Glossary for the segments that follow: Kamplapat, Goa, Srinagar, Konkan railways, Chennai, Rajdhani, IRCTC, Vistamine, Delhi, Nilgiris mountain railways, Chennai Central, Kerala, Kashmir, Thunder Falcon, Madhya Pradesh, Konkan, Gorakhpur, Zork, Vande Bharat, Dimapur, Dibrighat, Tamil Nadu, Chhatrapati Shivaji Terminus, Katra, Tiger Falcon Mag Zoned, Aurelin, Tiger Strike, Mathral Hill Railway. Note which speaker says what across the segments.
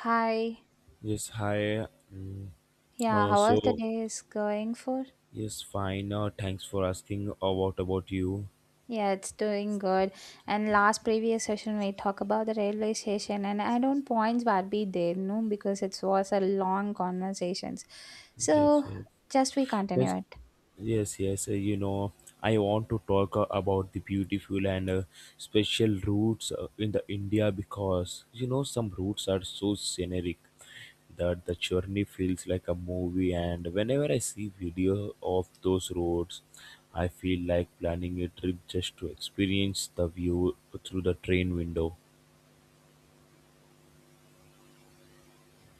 Speaker 1: Hi.
Speaker 2: Yes, hi. Mm,
Speaker 1: Yeah,
Speaker 2: Uh,
Speaker 1: how was the
Speaker 2: so,
Speaker 1: day is going for?
Speaker 2: yes, fine. Thanks for asking. What about you?
Speaker 1: Yeah, it's doing good. And last previous session we talk about the railway station and I don't points were be there, no, because it was a long conversations.
Speaker 2: Yes,
Speaker 1: So
Speaker 2: yes,
Speaker 1: just we
Speaker 2: yes,
Speaker 1: continue it.
Speaker 2: yes. I want to talk about the beautiful and special routes in the India because you know some routes are so scenic that the journey feels like a movie. And whenever I see video of those roads, I feel like planning a trip just to experience the view through the train window.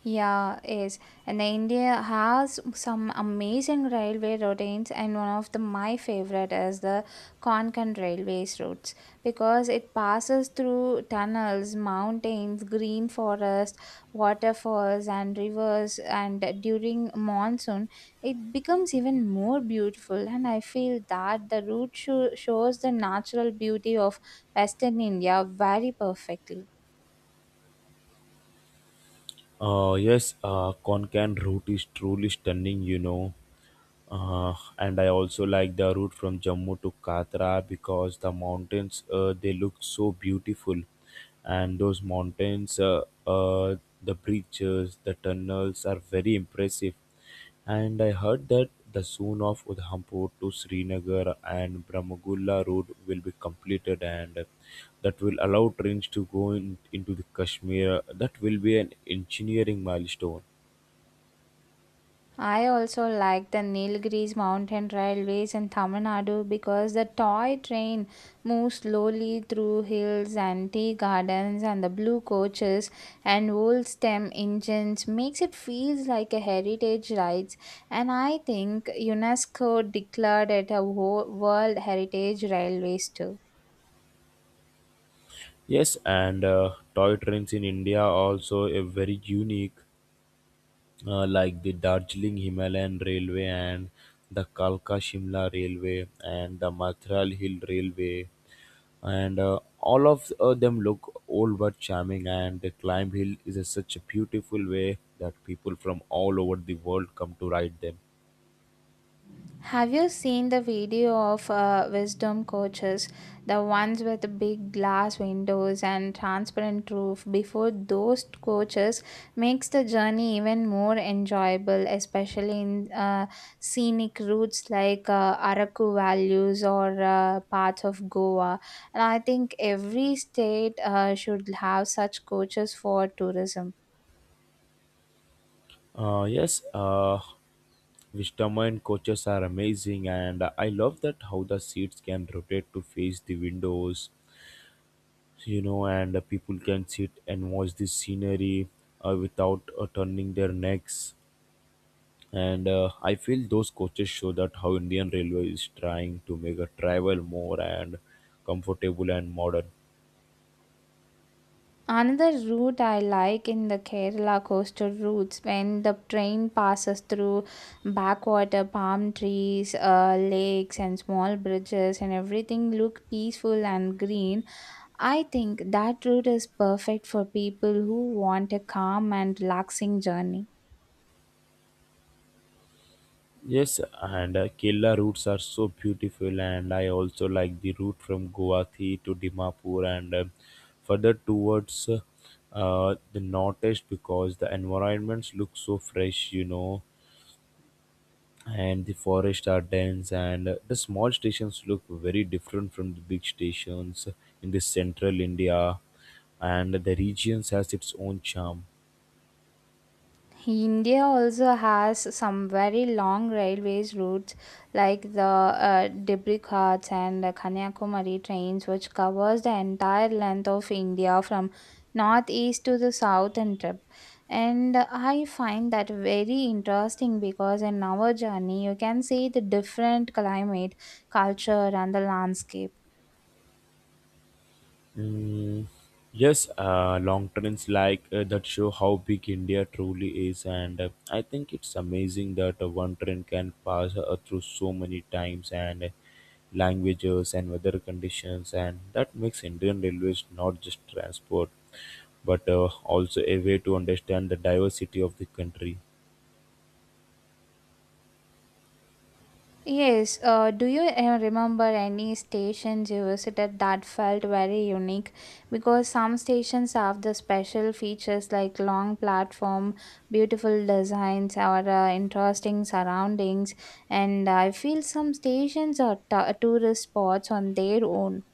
Speaker 1: Yeah, is and the India has some amazing railway routines, and one of the my favorite is the Konkan railways routes because it passes through tunnels, mountains, green forest, waterfalls, and rivers. And during monsoon, it becomes even more beautiful. And I feel that the route shows the natural beauty of Western India very perfectly.
Speaker 2: Yes, Konkan route is truly stunning. And I also like the route from Jammu to Katra because the mountains they look so beautiful, and those mountains, the bridges, the tunnels are very impressive. And I heard that the soon of Udhampur to Srinagar and Brahmagulla road will be completed, and that will allow trains to into the Kashmir. That will be an engineering milestone.
Speaker 1: I also like the Nilgiris mountain railways in Tamil Nadu because the toy train moves slowly through hills and tea gardens and the blue coaches and old stem engines makes it feels like a heritage rides and I think UNESCO declared it a world heritage railways too.
Speaker 2: Yes, and toy trains in India also a very unique, like the Darjeeling Himalayan Railway and the Kalka Shimla Railway and the Mathral Hill Railway, and all of them look old but charming. And the climb hill is a, such a beautiful way that people from all over the world come to ride them.
Speaker 1: Have you seen the video of wisdom coaches, the ones with the big glass windows and transparent roof? Before those coaches makes the journey even more enjoyable, especially in scenic routes like Araku Valleys or parts of Goa. And I think every state should have such coaches for tourism.
Speaker 2: Yes, Vistamine coaches are amazing, and I love that how the seats can rotate to face the windows, and the people can sit and watch the scenery without turning their necks. And I feel those coaches show that how Indian Railway is trying to make a travel more and comfortable and modern.
Speaker 1: Another route I like in the Kerala coastal routes when the train passes through backwater, palm trees, lakes, and small bridges, and everything look peaceful and green. I think that route is perfect for people who want a calm and relaxing journey.
Speaker 2: Yes, and Kerala routes are so beautiful, and I also like the route from Guwahati to Dimapur and further towards the northeast because the environments look so fresh, and the forests are dense and the small stations look very different from the big stations in the central india, and the regions has its own charm.
Speaker 1: India also has some very long railways routes like the Dibrighat and the Kanyakumari trains which covers the entire length of India from northeast to the southern tip and I find that very interesting because in our journey you can see the different climate culture and the landscape.
Speaker 2: Mm, yes, long trends like that show how big India truly is, and I think it's amazing that one trend can pass through so many times and languages and weather conditions, and that makes Indian railways not just transport but also a way to understand the diversity of the country.
Speaker 1: Yes, do you remember any stations you visited that felt very unique? Because some stations have the special features like long platform, beautiful designs, or interesting surroundings, and I feel some stations are tourist spots on their own.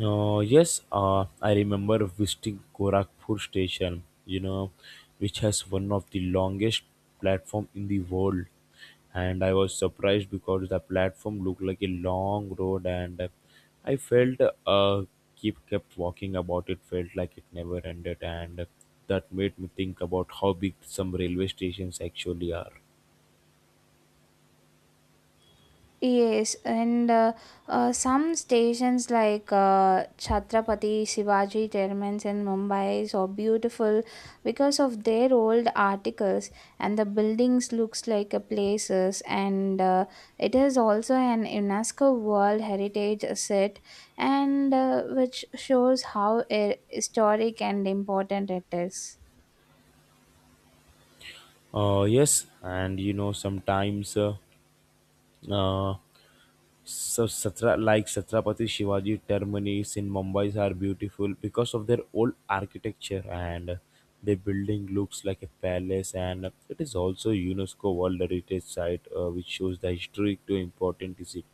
Speaker 2: Yes, I remember visiting Gorakhpur station, you know, which has one of the longest platform in the world. And I was surprised because the platform looked like a long road and I felt keep kept walking about it felt like it never ended and that made me think about how big some railway stations actually are.
Speaker 1: Yes, and some stations like Chhatrapati Shivaji Terminus in Mumbai is so beautiful because of their old articles and the buildings looks like a places and it is also an UNESCO World Heritage Site and which shows how historic and important it is.
Speaker 2: Yes, and you know sometimes uh, So Satra like Chhatrapati Shivaji termini in Mumbai are beautiful because of their old architecture and the building looks like a palace and it is also UNESCO World Heritage Site, which shows the history to important is it.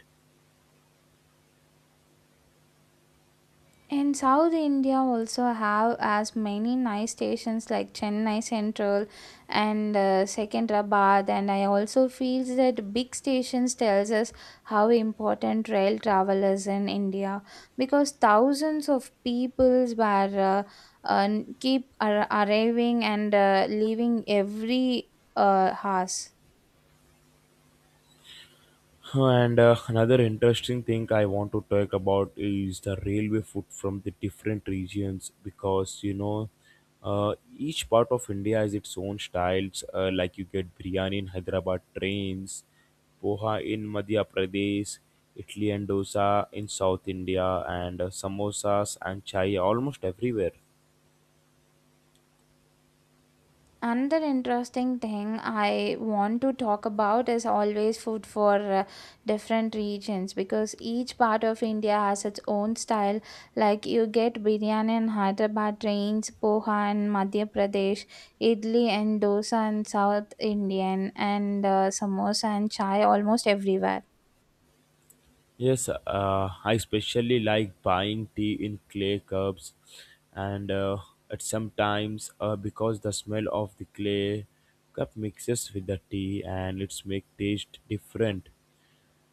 Speaker 1: In South India also have as many nice stations like Chennai Central and Secunderabad and I also feels that big stations tells us how important rail travel is in India because thousands of peoples were keep arriving and leaving every house.
Speaker 2: And another interesting thing I want to talk about is the railway food from the different regions because you know each part of India has its own styles. Like you get biryani in Hyderabad trains, poha in Madhya Pradesh, Italy and dosa in South India, and samosas and chai almost everywhere.
Speaker 1: Another interesting thing I want to talk about is always food for different regions because each part of India has its own style. Like you get biryani in Hyderabad range, poha in Madhya Pradesh, idli and dosa in South Indian, and samosa and chai almost everywhere.
Speaker 2: Yes, I especially like buying tea in clay cups, and at sometimes because the smell of the clay cup mixes with the tea and it's make taste different.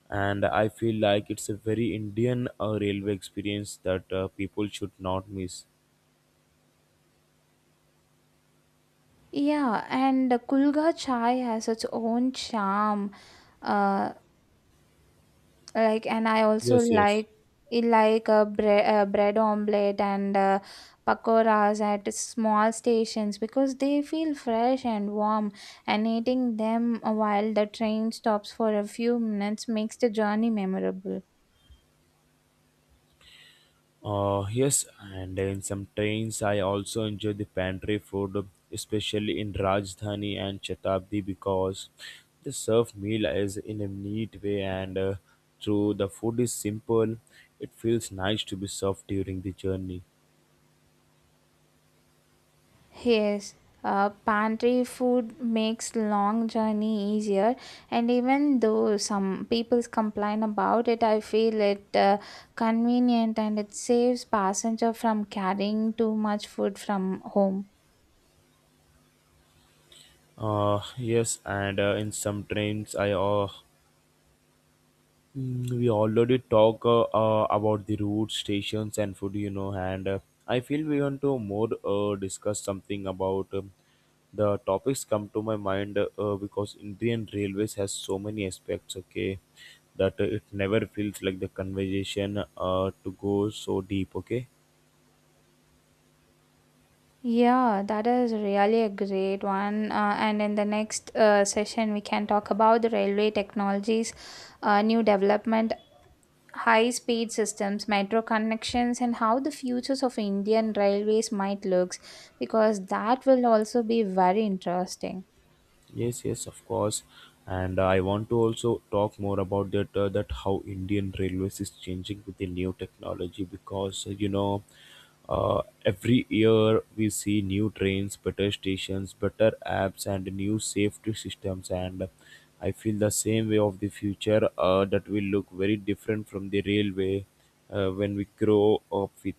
Speaker 2: And I feel like it's a very Indian railway experience that people should not miss.
Speaker 1: Yeah, and Kulga chai has its own charm. Uh, like and I also
Speaker 2: Yes, yes.
Speaker 1: like I like a bread omelette and pakoras at small stations because they feel fresh and warm and eating them while the train stops for a few minutes makes the journey memorable.
Speaker 2: Yes, and in some trains, I also enjoy the pantry food, especially in Rajdhani and Shatabdi, because they serve meal as in a neat way, and through the food is simple, it feels nice to be served during the journey.
Speaker 1: Yes, pantry food makes long journey easier, and even though some people complain about it, I feel it convenient and it saves passenger from carrying too much food from home.
Speaker 2: Yes, and in some trains, I we already talk about the route, stations, and food, you know, and I feel we want to more discuss something about the topics come to my mind because Indian Railways has so many aspects, okay, that it never feels like the conversation to go so deep, okay.
Speaker 1: Yeah, that is really a great one. And in the next session, we can talk about the railway technologies, new development. High speed systems, metro connections, and how the futures of Indian railways might look, because that will also be very interesting.
Speaker 2: Yes, yes, of course. And I want to also talk more about that that how Indian Railways is changing with the new technology because you know, every year we see new trains, better stations, better apps, and new safety systems. And I feel the same way of the future that will look very different from the railway when we grow up with.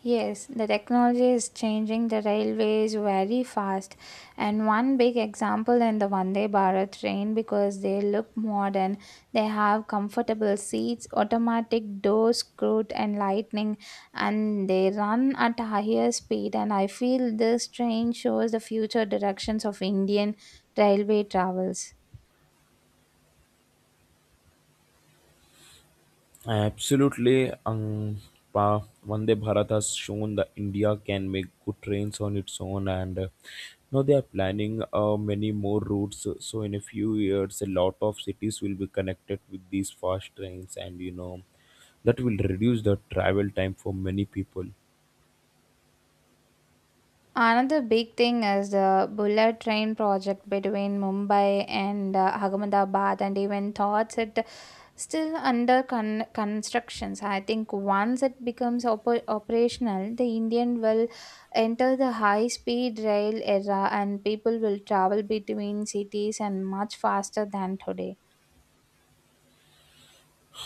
Speaker 1: Yes, the technology is changing the railways very fast. And one big example in the Vande Bharat train because they look modern. They have comfortable seats, automatic doors, screwed and lightning, and they run at a higher speed. And I feel this train shows the future directions of Indian railway travels.
Speaker 2: Absolutely, Angpa. Vande Bharat has shown that India can make good trains on its own, and now they are planning many more routes. So in a few years, a lot of cities will be connected with these fast trains, and you know that will reduce the travel time for many people.
Speaker 1: Another big thing is the bullet train project between Mumbai and Ahmedabad, and even thoughts it still under constructions. I think once it becomes operational, the Indian will enter the high speed rail era and people will travel between cities and much faster than today.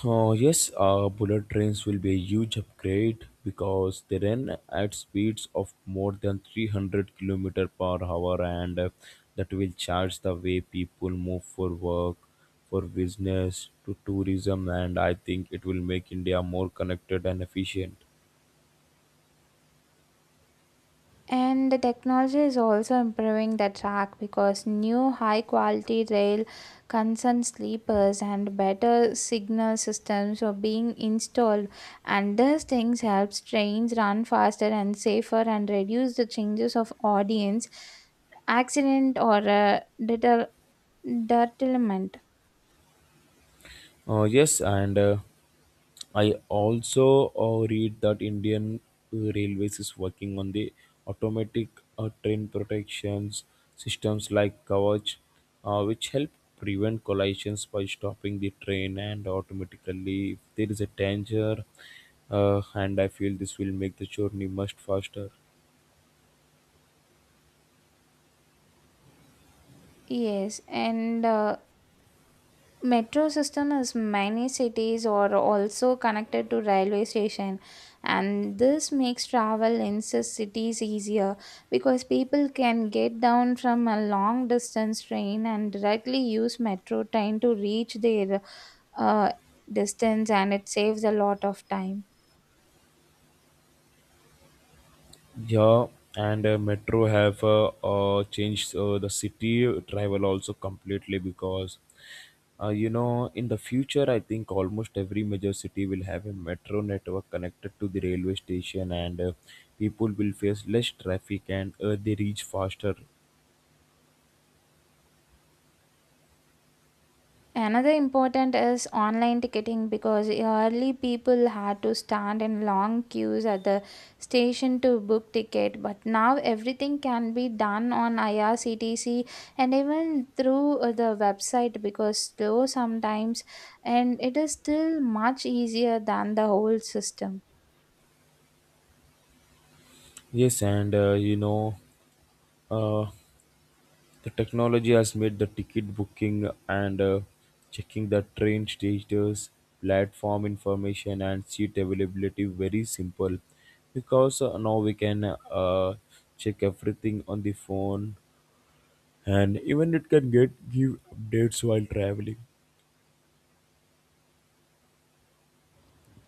Speaker 2: Yes, bullet trains will be a huge upgrade because they run at speeds of more than 300 kilometers per hour and that will charge the way people move for work, for business, to tourism, and I think it will make India more connected and efficient.
Speaker 1: And the technology is also improving the track because new high quality rail concern sleepers and better signal systems are being installed and these things helps trains run faster and safer and reduce the changes of audience accident or deter- deterrent.
Speaker 2: Yes, and I also read that Indian Railways is working on the automatic train protections systems like Kavach, which help prevent collisions by stopping the train and automatically if there is a danger. And I feel this will make the journey much faster.
Speaker 1: Yes, and metro system is many cities are also connected to railway station and this makes travel in cities easier because people can get down from a long distance train and directly use metro train to reach their uh, distance and it saves a lot of time.
Speaker 2: Yeah, and Metro have changed the city travel also completely because you know, in the future, I think almost every major city will have a metro network connected to the railway station, and people will face less traffic and they reach faster.
Speaker 1: Another important is online ticketing because early people had to stand in long queues at the station to book ticket but now everything can be done on IRCTC and even through the website because slow sometimes and it is still much easier than the old system.
Speaker 2: Yes, and you know, uh, the technology has made the ticket booking and checking the train stages, platform information, and seat availability very simple because now we can uh, check everything on the phone and even it can get give updates while traveling.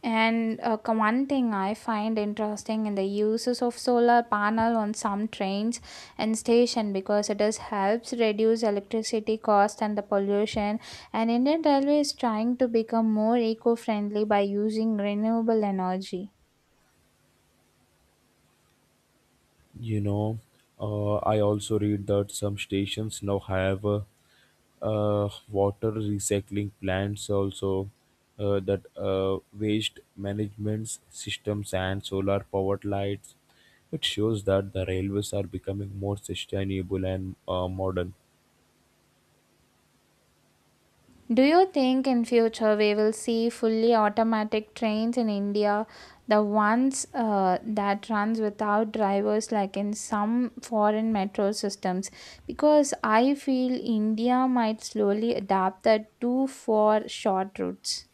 Speaker 1: And one thing I find interesting in the uses of solar panel on some trains and station because it is helps reduce electricity cost and the pollution. And Indian Railway is trying to become more eco-friendly by using renewable energy.
Speaker 2: You know I also read that some stations now have water recycling plants also, that waste management systems and solar powered lights. It shows that the railways are becoming more sustainable and modern.
Speaker 1: Do you think in future we will see fully automatic trains in India, the ones that runs without drivers like in some foreign metro systems? Because I feel India might slowly adapt that too for short routes.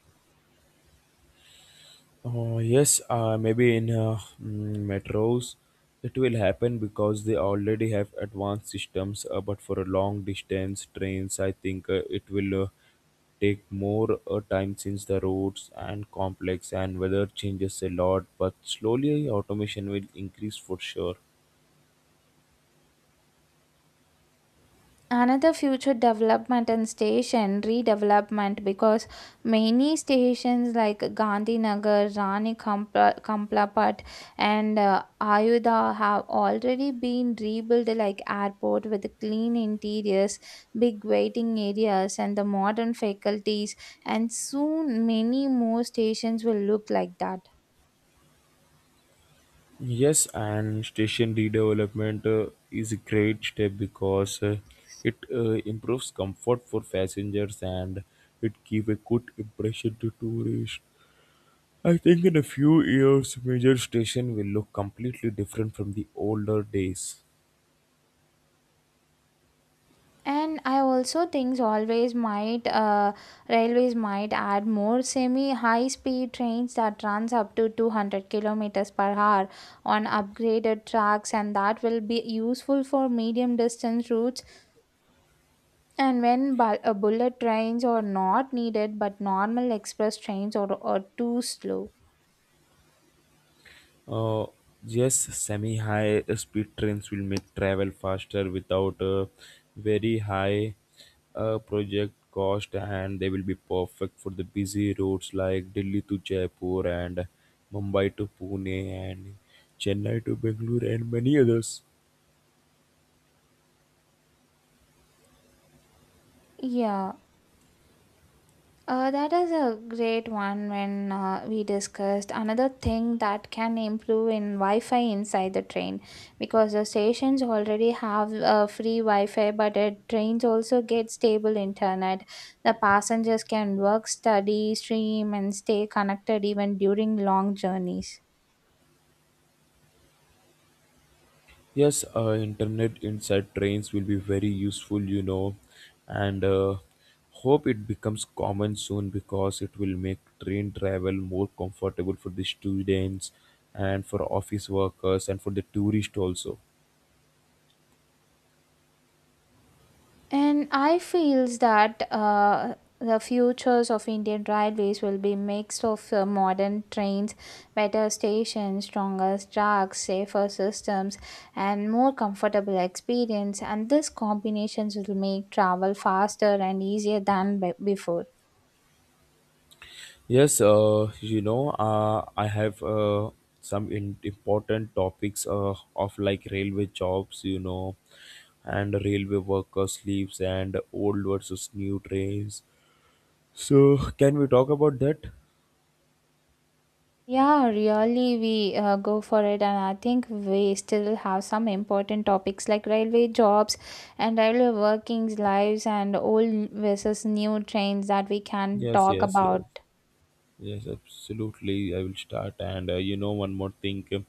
Speaker 2: Oh, yes, maybe in metros it will happen because they already have advanced systems. But for a long distance trains, I think it will take more time since the roads and complex and weather changes a lot. But slowly, automation will increase for sure.
Speaker 1: Another future development and station redevelopment because many stations like Gandhinagar Rani Kampla, Kamplapat and Ayodhya have already been rebuilt like airport with clean interiors, big waiting areas and the modern faculties and soon many more stations will look like that.
Speaker 2: Yes, and station redevelopment is a great step because it improves comfort for passengers and it gives a good impression to tourists. I think in a few years, major station will look completely different from the older days.
Speaker 1: And I also think always might railways might add more semi high speed trains that runs up to 200 kilometers per hour on upgraded tracks and that will be useful for medium distance routes and when bullet trains are not needed but normal express trains are too slow.
Speaker 2: Uh, yes, semi high speed trains will make travel faster without a very high project cost, and they will be perfect for the busy routes like Delhi to Jaipur and Mumbai to Pune and Chennai to Bangalore and many others.
Speaker 1: Yeah. That is a great one when we discussed another thing that can improve in Wi-Fi inside the train because the stations already have free Wi-Fi, but the trains also get stable internet. The passengers can work, study, stream, and stay connected even during long journeys.
Speaker 2: Yes, internet inside trains will be very useful, you know, and hope it becomes common soon because it will make train travel more comfortable for the students and for office workers and for the tourist also.
Speaker 1: And I feels that the futures of Indian railways will be mixed of modern trains, better stations, stronger tracks, safer systems, and more comfortable experience. And this combinations will make travel faster and easier than before.
Speaker 2: Yes, you know, I have some important topics of like railway jobs, you know, and railway workers' leaves and old versus new trains. So, can we talk about that?
Speaker 1: Yeah, really, we go for it, and I think we still have some important topics like railway jobs and railway workings lives and old versus new trains that we can
Speaker 2: Yes,
Speaker 1: talk
Speaker 2: yes, yes,
Speaker 1: about.
Speaker 2: yes, absolutely. I will start. And you know, one more thing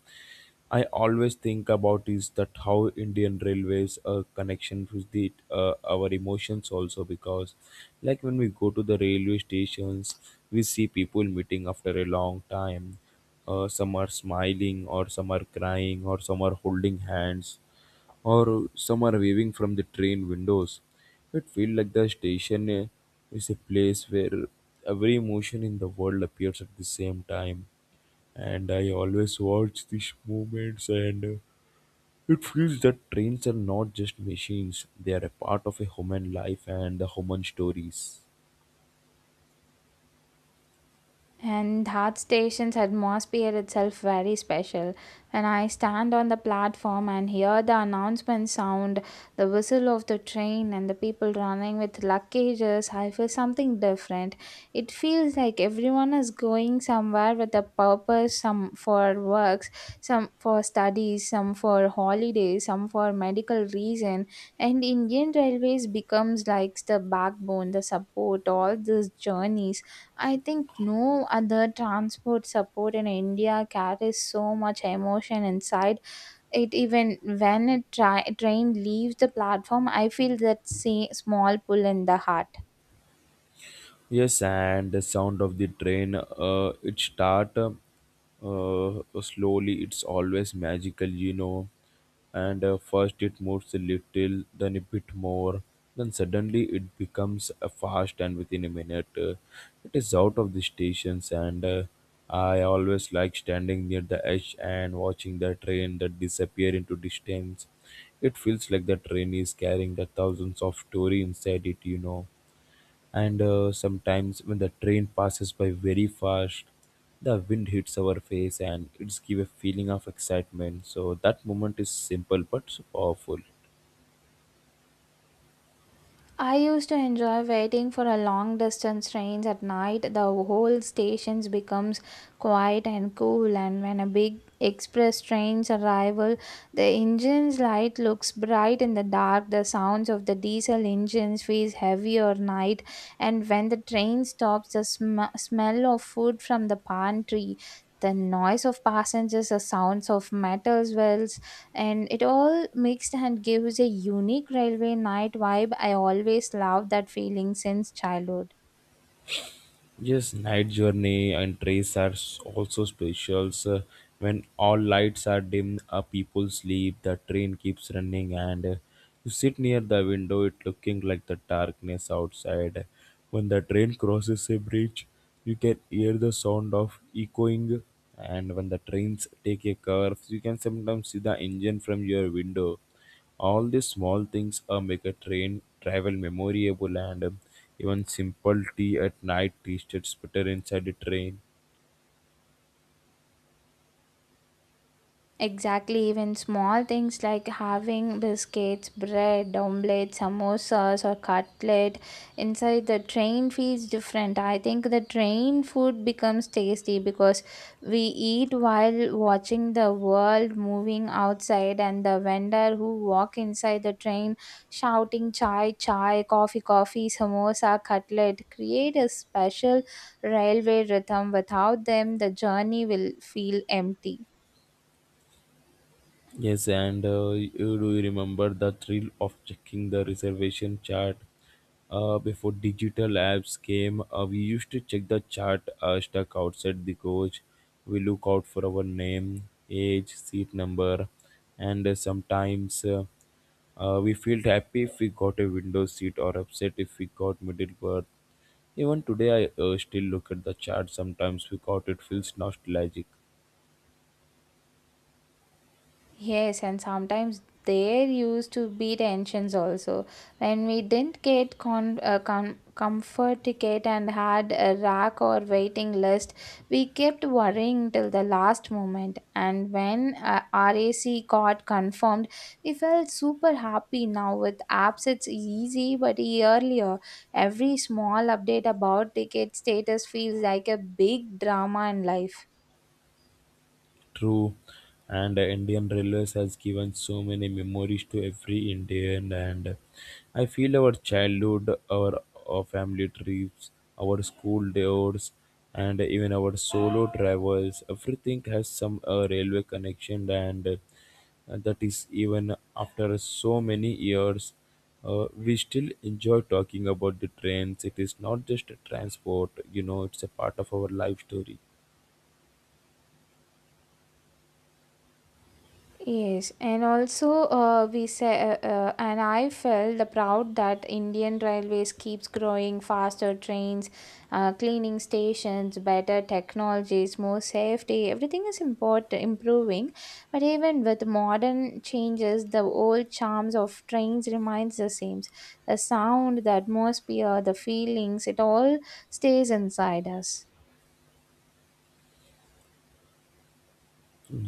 Speaker 2: I always think about is that how Indian Railways connection with the our emotions also because, like when we go to the railway stations, we see people meeting after a long time. Some are smiling, or some are crying, or some are holding hands or some are waving from the train windows. It feels like the station is a place where every emotion in the world appears at the same time. And I always watch these moments, and it feels that trains are not just machines, they are a part of a human life and the human stories.
Speaker 1: And Heart Station's atmosphere itself very special. When I stand on the platform and hear the announcement sound, the whistle of the train and the people running with luggages, I feel something different. It feels like everyone is going somewhere with a purpose, some for works, some for studies, some for holidays, some for medical reason. And Indian Railways becomes like the backbone, the support, all these journeys. I think no other transport support in India carries so much emotion inside it. Even when a train leaves the platform, I feel that small pull in the heart.
Speaker 2: Yes, and the sound of the train, it start slowly. It's always magical, you know. And first it moves a little, then a bit more, then suddenly it becomes fast, and within a minute, it is out of the stations. And I always like standing near the edge and watching the train that disappear into distance. It feels like the train is carrying the thousands of story inside it, you know, and sometimes when the train passes by very fast, the wind hits our face and it's give a feeling of excitement, so that moment is simple but so powerful.
Speaker 1: I used to enjoy waiting for a long distance trains at night. The whole stations becomes quiet and cool and when a big express trains arrival, the engine's light looks bright in the dark. The sounds of the diesel engines feels heavy or night and when the train stops, the smell of food from the pantry, the noise of passengers, the sounds of metal wells, and it all mixed and gives a unique railway night vibe. I always loved that feeling since childhood.
Speaker 2: Yes, night journey and trails are also special. So when all lights are dim, people sleep, the train keeps running, and you sit near the window, it looking like the darkness outside. When the train crosses a bridge, you can hear the sound of echoing, and when the trains take a curve, you can sometimes see the engine from your window. All these small things make a train travel memorable and even simple tea at night tasted better inside the train.
Speaker 1: Exactly, even small things like having biscuits, bread, omelette, samosas, or cutlet inside the train feels different. I think the train food becomes tasty because we eat while watching the world moving outside, and the vendor who walk inside the train shouting chai, chai, coffee, coffee, samosa, cutlet create a special railway rhythm. Without them, the journey will feel empty.
Speaker 2: Yes, and do you remember the thrill of checking the reservation chart? Before digital apps came, we used to check the chart stuck outside the coach. We look out for our name, age, seat number, and sometimes we felt happy if we got a window seat or upset if we got middle berth. Even today, I still look at the chart sometimes because it feels nostalgic.
Speaker 1: Yes, and sometimes there used to be tensions also. When we didn't get comfort ticket and had a rack or waiting list, we kept worrying till the last moment. And when RAC got confirmed, we felt super happy now. With apps, it's easy, but earlier, every small update about ticket status feels like a big drama in life.
Speaker 2: True, and Indian Railways has given so many memories to every Indian. And I feel our childhood, our family trips, our school days, and even our solo travels. Everything has some railway connection, and that is even after so many years. We still enjoy talking about the trains. It is not just a transport, you know, it's a part of our life story.
Speaker 1: Yes, and also we say, and I felt the proud that Indian Railways keeps growing faster trains, cleaning stations, better technologies, more safety. Everything is import improving, but even with modern changes, the old charms of trains remains the same. The sound, the atmosphere, the feelings, it all stays inside us.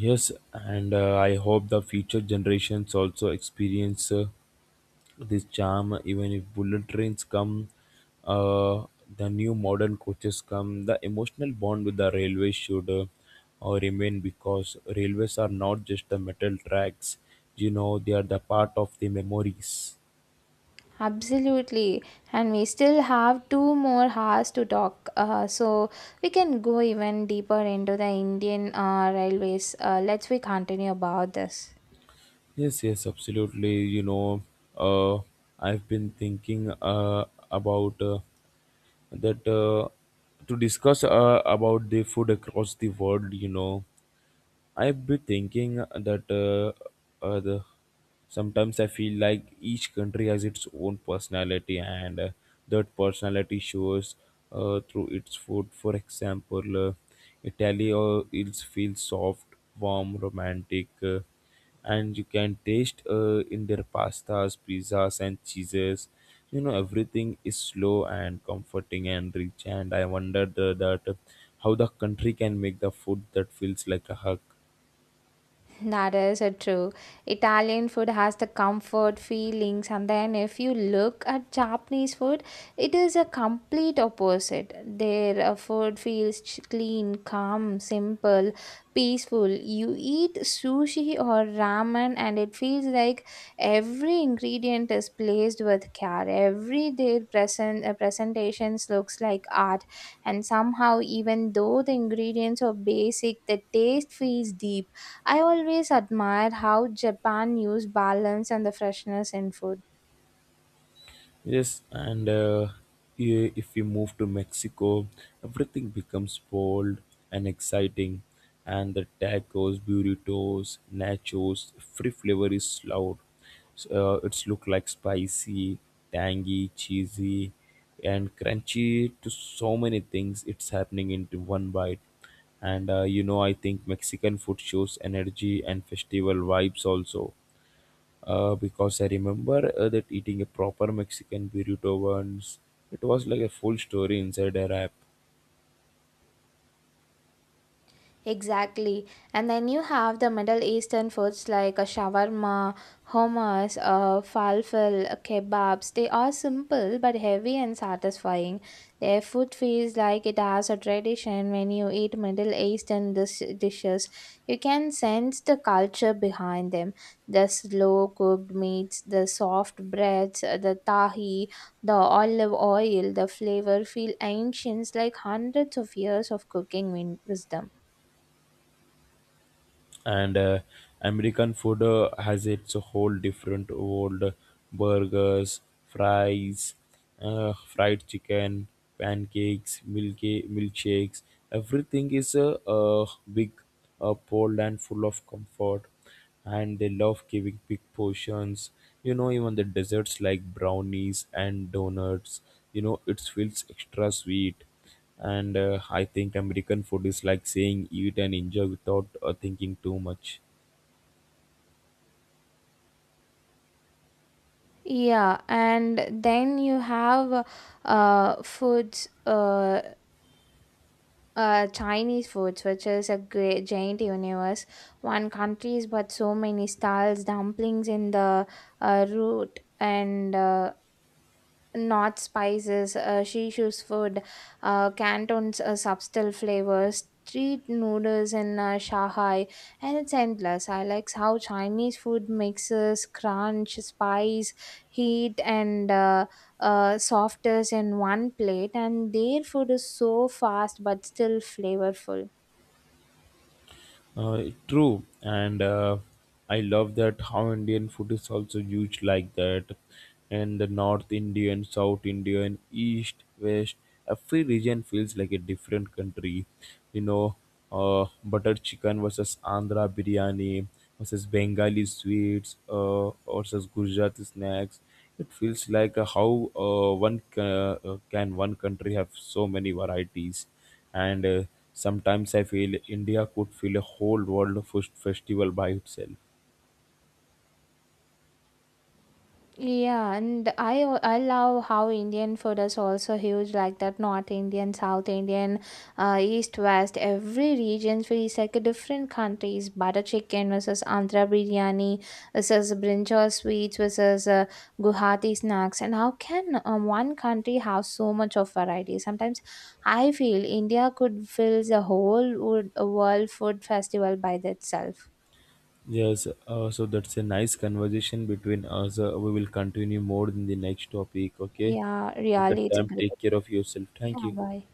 Speaker 2: Yes, and I hope the future generations also experience this charm. Even if bullet trains come, uh, the new modern coaches come, the emotional bond with the railway should remain because railways are not just the metal tracks, you know, they are the part of the memories.
Speaker 1: Absolutely, and we still have two more hours to talk, so we can go even deeper into the Indian railways. Let's we continue about this.
Speaker 2: Yes, yes, absolutely. You know, uh, I've been thinking about. That to discuss about the food across the world, you know. I've been thinking that the, Sometimes I feel like each country has its own personality, and that personality shows through its food. For example, Italy, it feels soft, warm, romantic, and you can taste in their pastas, pizzas, and cheeses. You know, everything is slow and comforting and rich, and I wondered that how the country can make the food that feels like a hug.
Speaker 1: That is true. Italian food has the comfort feelings, and then if you look at Japanese food, it is a complete opposite. Their food feels clean, calm, simple, peaceful. You eat sushi or ramen, and it feels like every ingredient is placed with care. Every their presentations looks like art, and somehow, even though the ingredients are basic, the taste feels deep. I always admire how Japan used balance and the freshness in food.
Speaker 2: Yes, and if we move to Mexico, everything becomes bold and exciting, and the tacos, burritos, nachos, free flavor is loud. So, it's look like spicy, tangy, cheesy, and crunchy to so many things. It's happening into one bite, and you know, I think Mexican food shows energy and festival vibes also because I remember that eating a proper Mexican burrito once. It was like a full story inside a wrap.
Speaker 1: Exactly. And then you have the Middle Eastern foods like a shawarma, hummus, falafel, kebabs. They are simple but heavy and satisfying. Their food feels like it has a tradition when you eat Middle Eastern dishes. You can sense the culture behind them. The slow cooked meats, the soft breads, the tahi, the olive oil, the flavor feel ancient like hundreds of years of cooking wisdom.
Speaker 2: And American food has its whole different world: burgers, fries, fried chicken, pancakes, milky milkshakes. Everything is a big, a bold and full of comfort, and they love giving big portions. You know, even the desserts like brownies and donuts, you know, it feels extra sweet. And I think American food is like saying eat and enjoy without thinking too much.
Speaker 1: Yeah, and then you have uh, foods, uh, Chinese foods, which is a great giant universe. One countries, but so many styles, dumplings in the root and not spices. She choose food, Canton's subtle flavors, street noodles in Shanghai, and it's endless. I like how Chinese food mixes crunch, spice, heat, and softness in one plate, and their food is so fast but still flavorful.
Speaker 2: True, and I love that how Indian food is also huge like that, and the North Indian, South Indian, East, West, every region feels like a different country. You know, butter chicken versus Andhra biryani versus Bengali sweets versus Gujarati snacks. It feels like can one country have so many varieties, and sometimes I feel India could fill a whole world of festival by itself.
Speaker 1: Yeah, and I love how Indian food is also huge like that North Indian, South Indian, East West. Every region feels like a different countries. Butter chicken versus Andhra biryani versus brinjal sweets versus Guwahati snacks. And how can one country have so much of variety? Sometimes I feel India could fill the whole wood, world food festival by itself.
Speaker 2: Yes, so that's a nice conversation between us. We will continue more in the next topic, okay.
Speaker 1: Yeah,
Speaker 2: At that
Speaker 1: really, it's a
Speaker 2: time,
Speaker 1: great.
Speaker 2: take care of yourself. Thank
Speaker 1: Yeah,
Speaker 2: you.
Speaker 1: bye.